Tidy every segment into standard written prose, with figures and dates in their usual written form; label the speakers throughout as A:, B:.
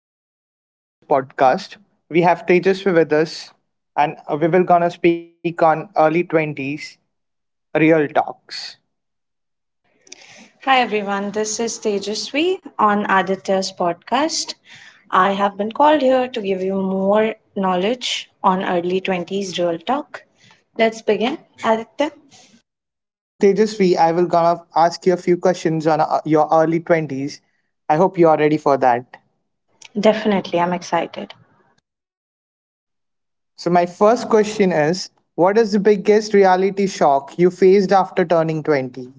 A: welcome to Aditya's podcast. We have Tejasvi with us, and we will gonna speak on early twenties real talks.
B: Hi everyone, this is Tejasvi on Aditya's podcast. I have been called here to give you more knowledge on early 20s real talk. Let's begin, Aditya.
A: So Tejasvi, I will gonna ask you a few questions on your early twenties. I hope you are ready for that.
B: Definitely, I'm excited.
A: So my first question is, what is the biggest reality shock you faced after turning 20?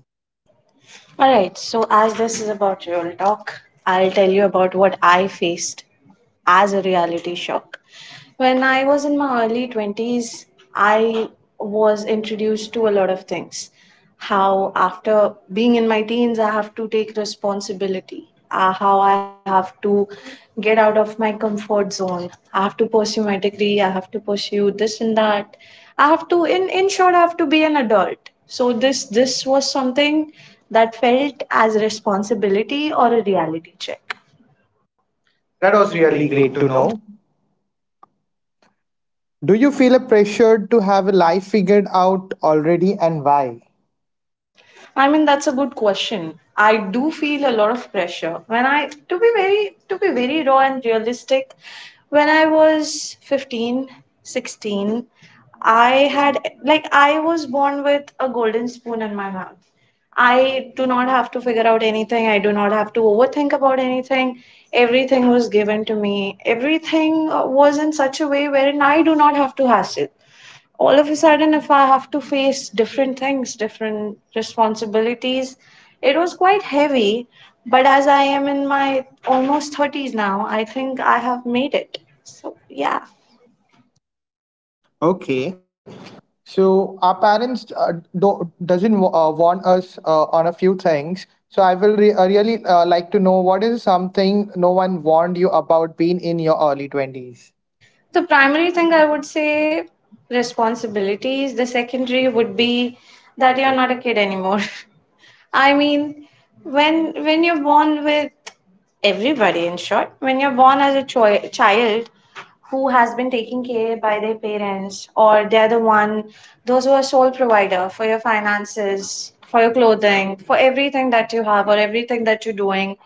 B: Alright, so as this is about real talk, I'll tell you about what I faced as a reality shock when I was in my early 20s. I was introduced to a lot of things. How, after being in my teens, I have to take responsibility. How I have to get out of my comfort zone. I have to pursue my degree, I have to pursue this and that. I have to, in short, I have to be an adult. So, this was something that felt as responsibility or a reality check. That
A: That
B: was
A: was
B: really
A: really
B: great
A: great
B: to
A: to
B: know.
A: know. Do you feel a pressure to have a life figured out already, and why?
B: I mean, that's a good question. I do feel a lot of pressure. When I, to be very raw and realistic, when I was 15, 16, I had, like, I was born with a golden spoon in my mouth. I do not have to figure out anything. I do not have to overthink about anything. Everything was given to me. Everything was in such a way wherein I do not have to hassle. All of a sudden, if I have to face different things, different responsibilities, it was quite heavy. But as I am in my almost 30s now, I think I have made it, so yeah.
A: Okay. So our parents do, doesn't wa- warn us on a few things. So I will really like to know what is something no one warned you about being in your early 20s.
B: The primary thing I would say, responsibilities. The secondary would be that you're not a kid anymore. I mean, when you're born with everybody, in short, when you're born as a child who has been taken care by their parents, or they're the one, those who are sole provider for your finances, for your clothing, for everything that you have, or everything that you're doing,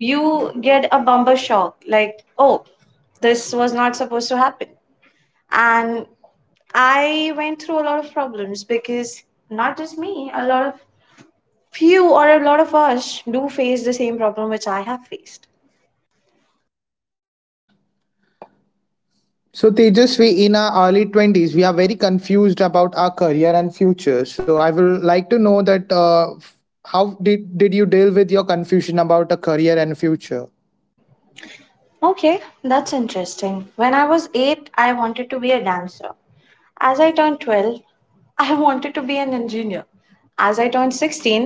B: you get a bumper shock, like, oh, this was not supposed to happen. And I went through a lot of problems because, not just me, a lot of, few or a lot of us do face the same problem which I have faced.
A: So Tejasvi, in our early 20s, we are very confused about our career and future. So I will like to know that how did you deal with your confusion about a career and future?
B: Okay, that's interesting. When I was 8, I wanted to be a dancer. As I turned 12, I wanted to be an engineer. As I turned 16,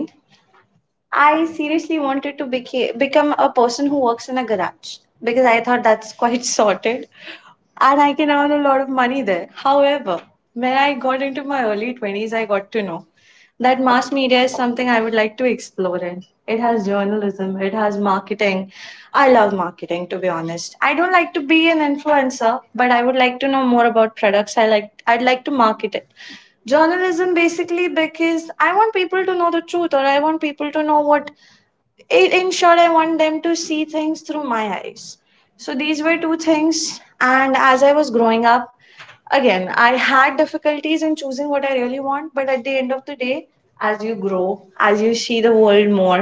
B: I seriously wanted to become a person who works in a garage, because I thought that's quite sorted, and I can earn a lot of money there. However, when I got into my early 20s, I got to know that mass media is something I would like to explore in. It has journalism, it has marketing. I love marketing, to be honest. I don't like to be an influencer, but I would like to know more about products. I'd like to market it. Journalism basically because I want people to know the truth, or I want people to know what, in short, I want them to see things through my eyes. So these were two things. And as I was growing up, again, I had difficulties in choosing what I really want. But at the end of the day, as you grow, as you see the world more,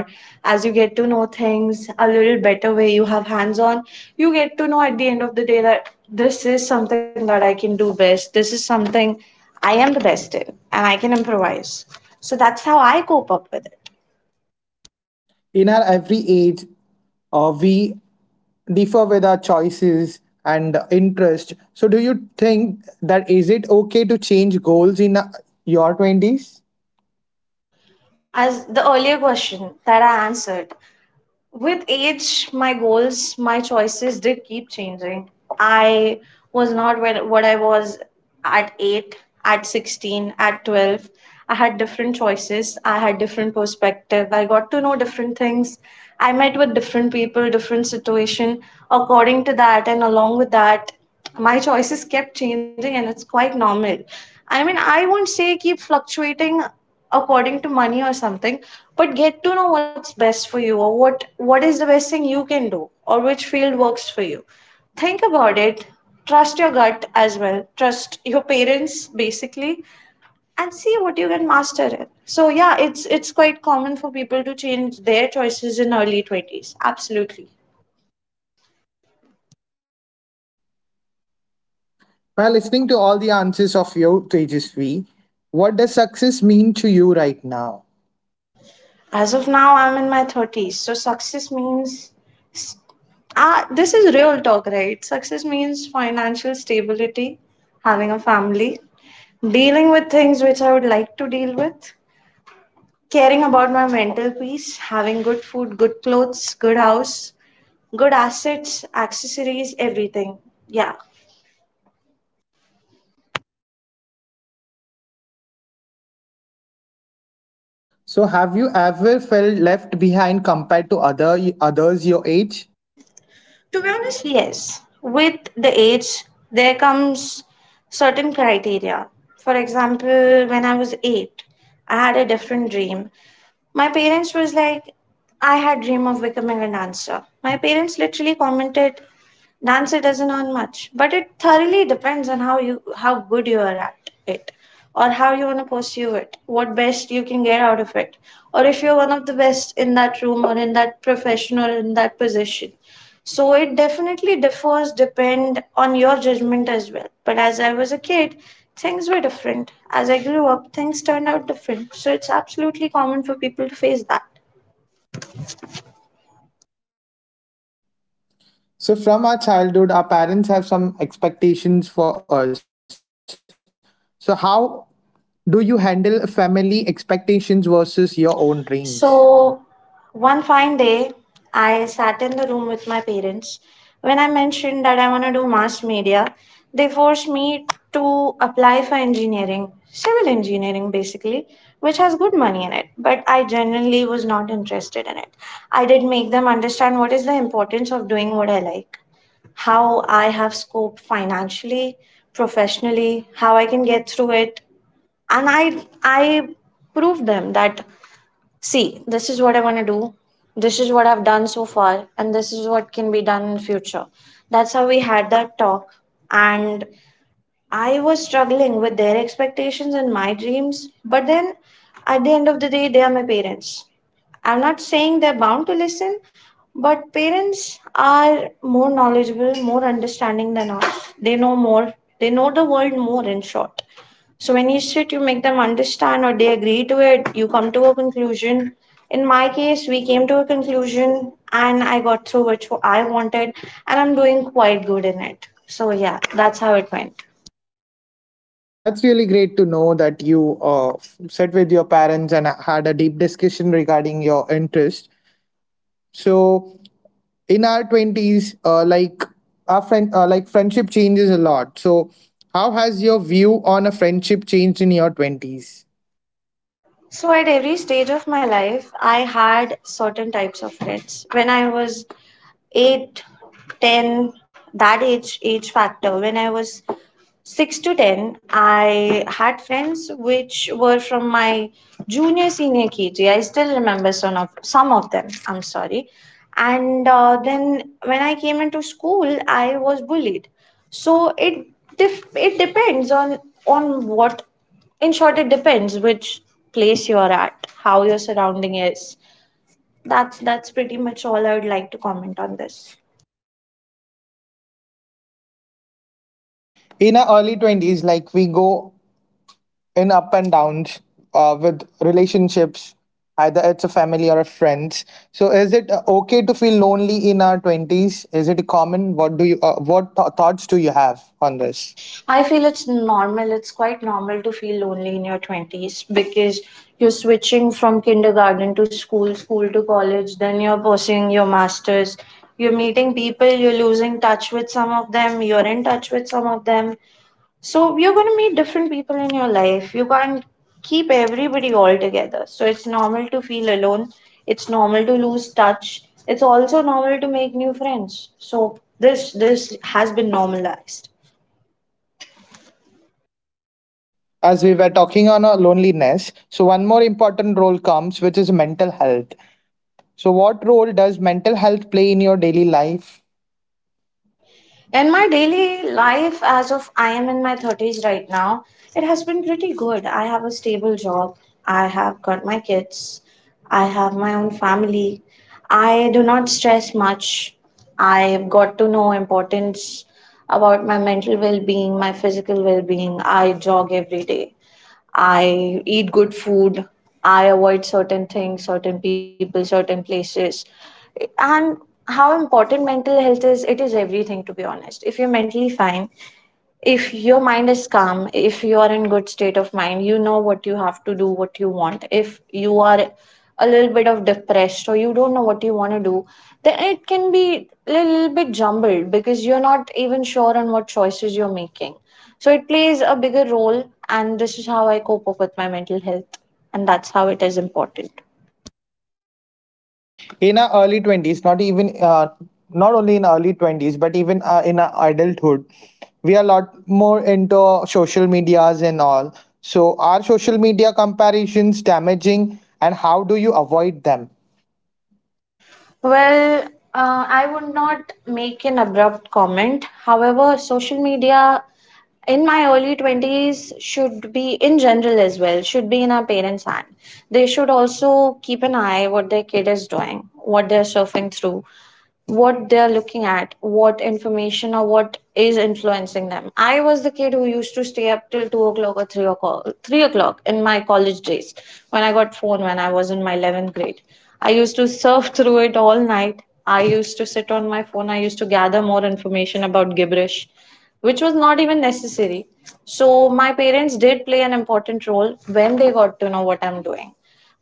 B: as you get to know things a little better way, you have hands on, you get to know at the end of the day that this is something that I can do best, this is something I am the best in, and I can improvise. So that's how I cope up with it.
A: In our every age, we differ with our choices and interest. So, do you think that is it okay to change goals in your 20s?
B: As the earlier question that I answered, with age, my goals, my choices did keep changing. I was not where, what I was at 8, at 16, at 12. I had different choices, I had different perspective, I got to know different things. I met with different people, different situation. According to that, and along with that, my choices kept changing, and it's quite normal. I mean, I won't say keep fluctuating according to money or something, but get to know what's best for you, or what is the best thing you can do, or which field works for you. Think about it. Trust your gut as well, trust your parents basically, and see what you can master it. So yeah, it's quite common for people to change their choices in early 20s, absolutely.
A: By listening to all the answers of your Tejasvi, what does success mean to you right now?
B: As of now, I'm in my 30s, so success means, ah, this is real talk, right? Success means financial stability, having a family, dealing with things which I would like to deal with, caring about my mental peace, having good food, good clothes, good house, good assets, accessories, everything. Yeah.
A: So, have you ever felt left behind compared to others your age?
B: To be honest, yes. With the age, there comes certain criteria. For example, when I was eight, I had a different dream. My parents was like, I had dream of becoming a dancer. My parents literally commented, dancer doesn't earn much, but it thoroughly depends on how you, how good you are at it, or how you want to pursue it, what best you can get out of it, or if you're one of the best in that room, or in that profession, or in that position. So it definitely differs depend on your judgment as well. But as I was a kid, things were different. As I grew up, things turned out different. So it's absolutely common for people to face that.
A: So, from our childhood, our parents have some expectations for us. So, how do you handle family expectations versus your own dreams?
B: So, one fine day, I sat in the room with my parents. When I mentioned that I want to do mass media, they forced me to apply for engineering, civil engineering basically, which has good money in it. But I genuinely was not interested in it. I did make them understand what is the importance of doing what I like, how I have scope financially, professionally, how I can get through it. And I proved them that, see, this is what I want to do. This is what I've done so far, and this is what can be done in future. That's how we had that talk. And I was struggling with their expectations and my dreams, but then at the end of the day, they are my parents. I'm not saying they're bound to listen, but parents are more knowledgeable, more understanding than us. They know more. They know the world more, in short. So when you sit, you make them understand, or they agree to it, you come to a conclusion. In my case, we came to a conclusion and I got through which I wanted, and I'm doing quite good in it. So yeah, that's how it went.
A: That's really great to know that you sat with your parents and had a deep discussion regarding your interest. So in our twenties, our friendship changes a lot. So how has your view on a friendship changed in your twenties?
B: So at every stage of my life, I had certain types of friends. When I was 8, 10, that age factor, when I was 6 to 10, I had friends which were from my junior senior KG. I still remember some of them, I'm sorry. And then when I came into school, I was bullied. So it it depends on what in short, it depends which place you're at, how your surrounding is. That's pretty much all I would like to comment on this.
A: In our early twenties, like we go in up and downs with relationships, either it's a family or a friends. So is it okay to feel lonely in our 20s? Is it common? What do you thoughts do you have on this?
B: Others. I
A: I
B: feel
A: feel
B: it's normal. It's quite normal to feel lonely in your 20s, because you're switching from kindergarten to school, school to college, then you're pursuing your master's. You're meeting people, you're losing touch with some of them, you're in touch with some of them. So you're going to meet different people in your life. You can't keep everybody all together. So it's normal to feel alone. It's normal to lose touch. It's also normal to make new friends. So this has been normalized.
A: as we were talking on loneliness, so one more important role comes which is mental health. So what role does mental health play in your daily life?
B: And my daily life, as of I am in my 30s right now, it has been pretty good. I have a stable job, I have got my kids, I have my own family, I do not stress much. I've got to know importance about my mental well being, my physical well being. I jog every day. I eat good food. I avoid certain things, certain people, certain places. And how important mental health is, it is everything, to be honest. If you're mentally fine, if your mind is calm, if you are in good state of mind, you know what you have to do, what you want. If you are a little bit of depressed, or you don't know what you want to do, then it can be a little bit jumbled, because you're not even sure on what choices you're making. So it plays a bigger role, and this is how I cope up with my mental health, and that's how it is important.
A: In our early 20s, not only in early 20s but even in our adulthood, we are a lot more into social medias and all. So are social media comparisons damaging, and how do you avoid them?
B: Well, I would not make an abrupt comment. However, social media in my early 20s, should be in general as well, should be in our parents hand. They should also keep an eye what their kid is doing, what they're surfing through, what they're looking at, what information, or what is influencing them. I was the kid who used to stay up till 2 o'clock or three o'clock in my college days when I got phone when I was in my 11th grade. I used to surf through it all night. I used to sit on my phone. I used to gather more information about gibberish, which was not even necessary. So my parents did play an important role when they got to know what I'm doing.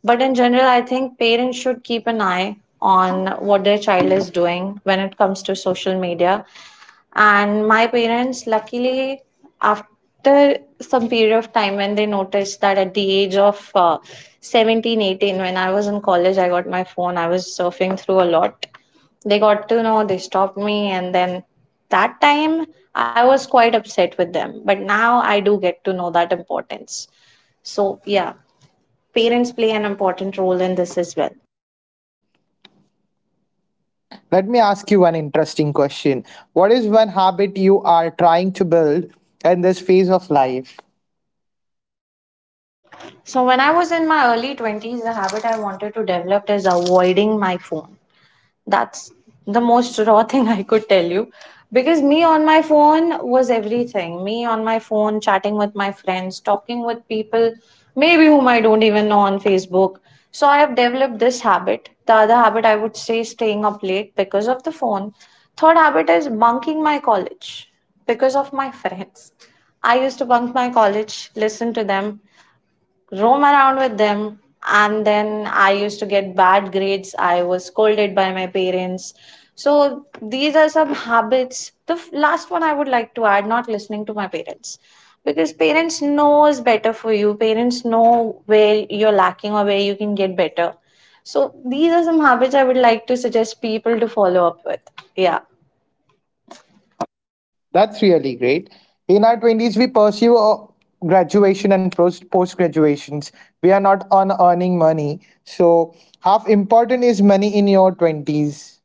B: But in general, I think parents should keep an eye on what their child is doing when it comes to social media. And my parents, luckily, after some period of time, when they noticed that at the age of 17, 18, when I was in college, I got my phone, I was surfing through a lot. They got to know, they stopped me, and then that time I was quite upset with them. But now I do get to know that importance. So, yeah, parents play an important role in this as well.
A: Let me ask you one interesting question. What is one habit you are trying to build in this phase of life?
B: So when I was in my early 20s, the habit I wanted to develop is avoiding my phone. That's the most raw thing I could tell you. Because me on my phone was everything. Me on my phone, chatting with my friends, talking with people, maybe whom I don't even know on Facebook. So I have developed this habit. The other habit I would say staying up late because of the phone. Third habit is bunking my college because of my friends. I used to bunk my college, listen to them, roam around with them, and then I used to get bad grades. I was scolded by my parents. So these are some habits. The last one I would like to add, not listening to my parents, because parents knows better for you. Parents know where you're lacking or where you can get better. So these are some habits I would like to suggest people to follow up with. Yeah.
A: That's really great. In our 20s, we pursue graduation and post graduations. We are not on earning money. So, how important is money in your 20s?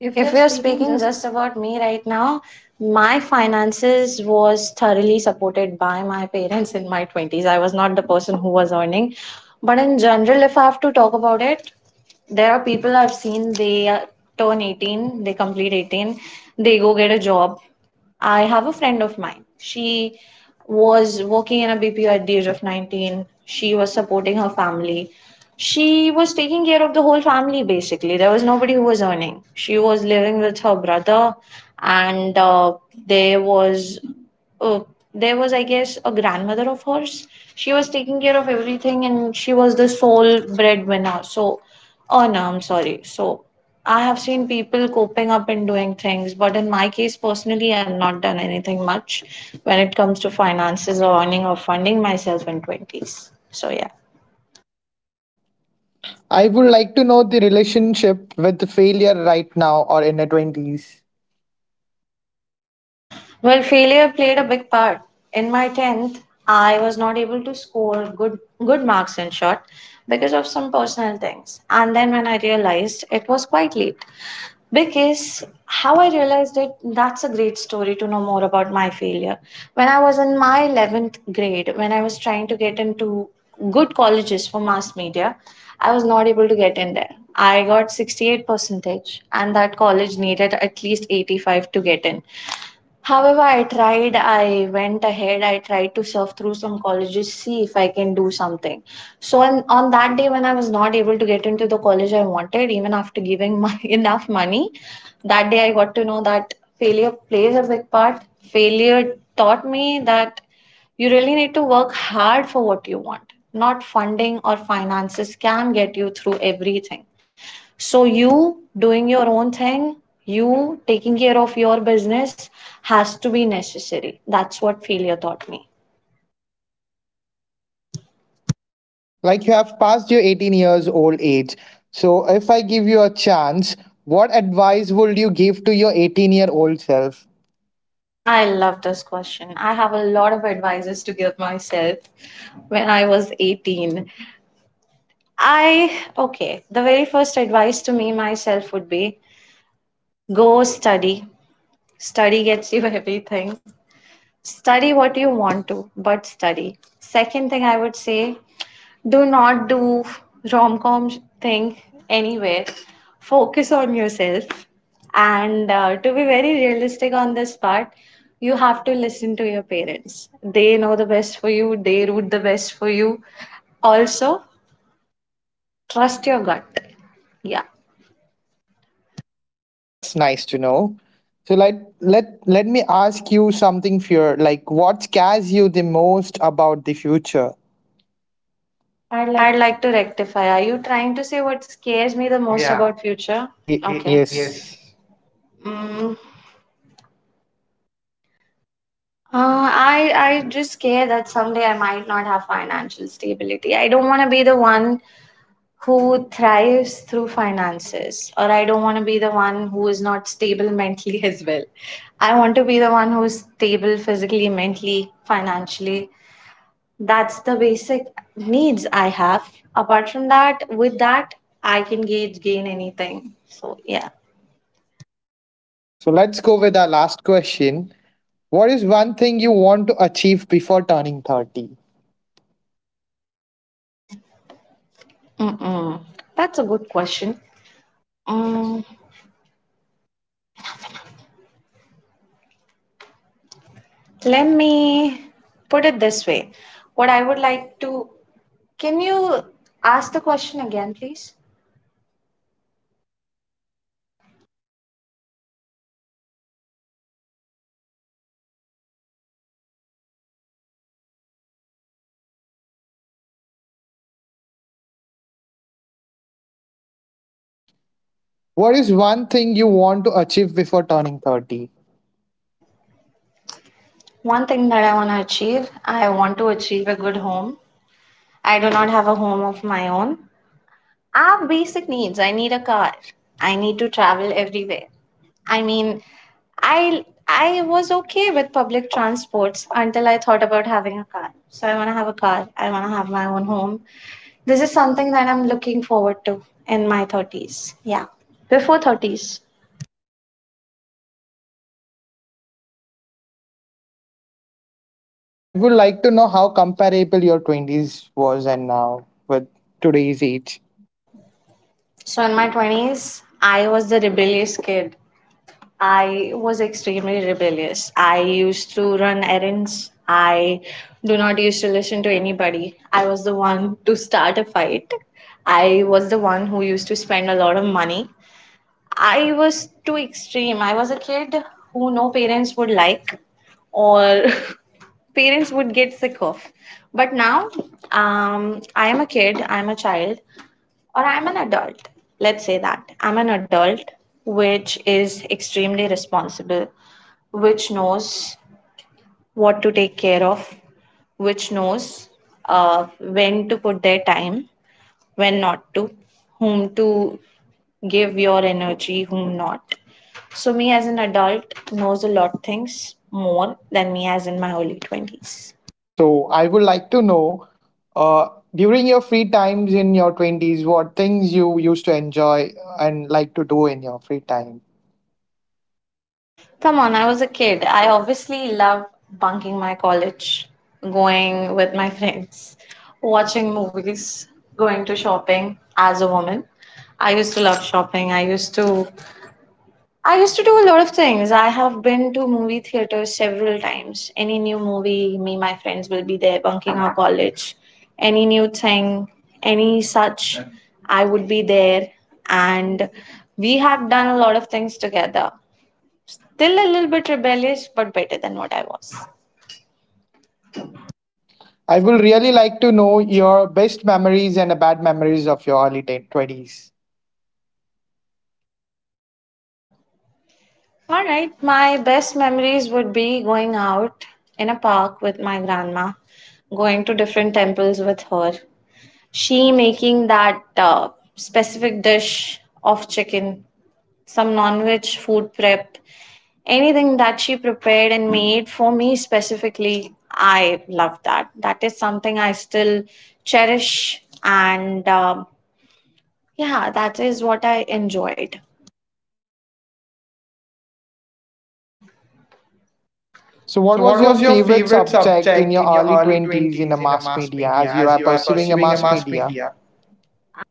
A: If we
B: If
A: are
B: we are
A: speaking
B: speaking
A: just
B: just about me right now, my finances was thoroughly supported by my parents in my 20s. I was not the person who was earning. But in general, if I have to talk about it, there are people I've seen, they turn 18, they complete 18, they go get a job. I have a friend of mine. She was working in a BPO at the age of 19. She was supporting her family. She was taking care of the whole family basically. There was nobody who was earning. She was living with her brother, and there was uh, there was, I guess, a grandmother of hers. She was taking care of everything, and she was the sole breadwinner. So, oh no, I'm sorry. So I have seen people coping up and doing things, but in my case personally, I've not done anything much when it comes to finances or earning or funding myself in 20s. So, yeah.
A: I would like to know the relationship with the failure right now or in the 20s.
B: Well, failure played a big part. In my 10th, I was not able to score good marks in short, because of some personal things. And then when I realized it was quite late, because how I realized it, that's a great story to know more about my failure. When I was in my 11th grade, when I was trying to get into good colleges for mass media, I was not able to get in there. I got 68 percentage and that college needed at least 85 to get in. However, I tried, I went ahead, I tried to surf through some colleges, see if I can do something. So, on that day, when I was not able to get into the college I wanted, even after giving my, enough money, that day I got to know that failure plays a big part. Failure taught me that you really need to work hard for what you want. Not funding or finances can get you through everything. So you doing your own thing, you taking care of your business has to be necessary. That's what failure taught me.
A: Like you have passed your 18 years old age. So, if I give you a chance, what advice would you give to your 18-year-old self?
B: I love this question. I have a lot of advices to give myself when I was 18. I, okay, the very first advice to me myself would be, go study. Study gets you everything. Study what you want to, but study. Second thing I would say, do not do rom com thing anywhere. Focus on yourself. And To be very realistic on this part, you have to listen to your parents. They know the best for you, they root the best for you. Also, trust your gut. Yeah.
A: That's nice to know. So let me ask you something fear, like what scares you the most about the future? I like.
B: I'd like to rectify. Are you trying to say what scares me the most, yeah, about future?
A: Okay.
B: Y- Okay,
A: Yes.
B: yes. Mm, Uh, I just care that someday I might not have financial stability. I don't want to be the one who thrives through finances, or I don't want to be the one who is not stable mentally as well. I want to be the one who's stable physically, mentally, financially. That's the basic needs I have. Apart from that, with that, I can gauge gain anything. So yeah.
A: So let's go with our last question. What is one thing you want to achieve before turning 30?
B: Mm-mm. That's a good question. Mm. Let me put it this way. What I would like to, can you ask the question again, please?
A: What is one thing you want to achieve before turning 30?
B: One thing that I want to achieve, I want to achieve a good home. I do not have a home of my own. I have basic needs. I need a car. I need to travel everywhere. I mean, I was okay with public transports until I thought about having a car. So I want to have a car. I want to have my own home. This is something that I'm looking forward to in my 30s. Yeah, before 30s.
A: I would like to know how comparable your 20s was and now with today's age.
B: So, in my 20s, I was the rebellious kid. I was extremely rebellious. I used to run errands. I do not used to listen to anybody. I was the one to start a fight. I was the one who used to spend a lot of money. I was too extreme. I was a kid who no parents would like, or parents would get sick of. But now, I am a kid, I'm a child, or I'm an adult. Let's say that I'm an adult, which is extremely responsible, which knows what to take care of, which knows when to put their time, when not to, whom to give your energy, whom not. So me as an adult knows a lot things more than me as in my early 20s.
A: So I would like to know uh, during your free times in your 20s, what things you used to enjoy and like to do in your free time.
B: Come on, I was a kid. I obviously love bunking my college, going with my friends, watching movies, going to shopping as a woman. I used to love shopping. I used to do a lot of things. I have been to movie theaters several times. Any new movie, me, and my friends will be there bunking our college. Any new thing, any such, I would be there. And we have done a lot of things together. Still a little bit rebellious, but better than what I was.
A: I will really like to know your best memories and bad memories of your 20s.
B: All right, my best memories would be going out in a park with my grandma, going to different temples with her. She making that specific dish of chicken, some non veg food prep, anything that she prepared and made for me specifically. I love that. That is something I still cherish, and yeah, that is what I enjoyed.
A: So, what
B: So, what
A: was your
B: was your
A: favorite
B: favorite
A: subject in
B: subject
A: your
B: in your
A: early
B: early
A: 20s in a
B: 20s in a
A: mass
B: mass
A: media
B: media
A: as you
B: as
A: are
B: you are
A: pursuing a
B: pursuing a
A: mass
B: mass
A: media?
B: media?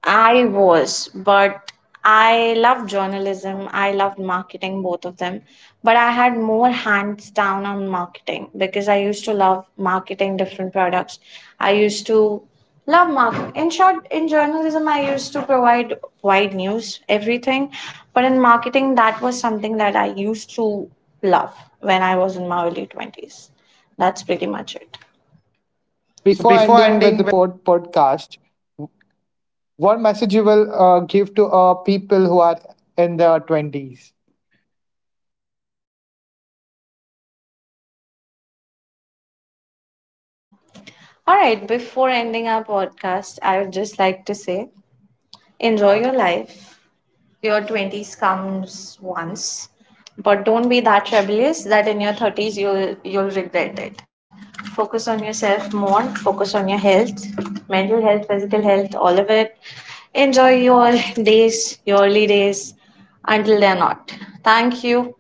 B: I was, but I loved journalism. I loved marketing, both of them. But I had more hands down on marketing because I used to love marketing different products. I used to love marketing. In short, in journalism, I used to provide wide news, everything. But in marketing, that was something that I used to love when I was in my early 20s. That's pretty much it.
A: So,
B: So
A: before
B: before
A: ending with the
B: ending
A: podcast, what message you will give to people who are in their 20s?
B: All right, before ending our podcast, I would just like to say enjoy your life. Your 20s comes once, but don't be that rebellious that in your 30s you'll regret it. Focus on yourself more, focus on your health, mental health, physical health, all of it. Enjoy your days, your early days until they're not. Thank you.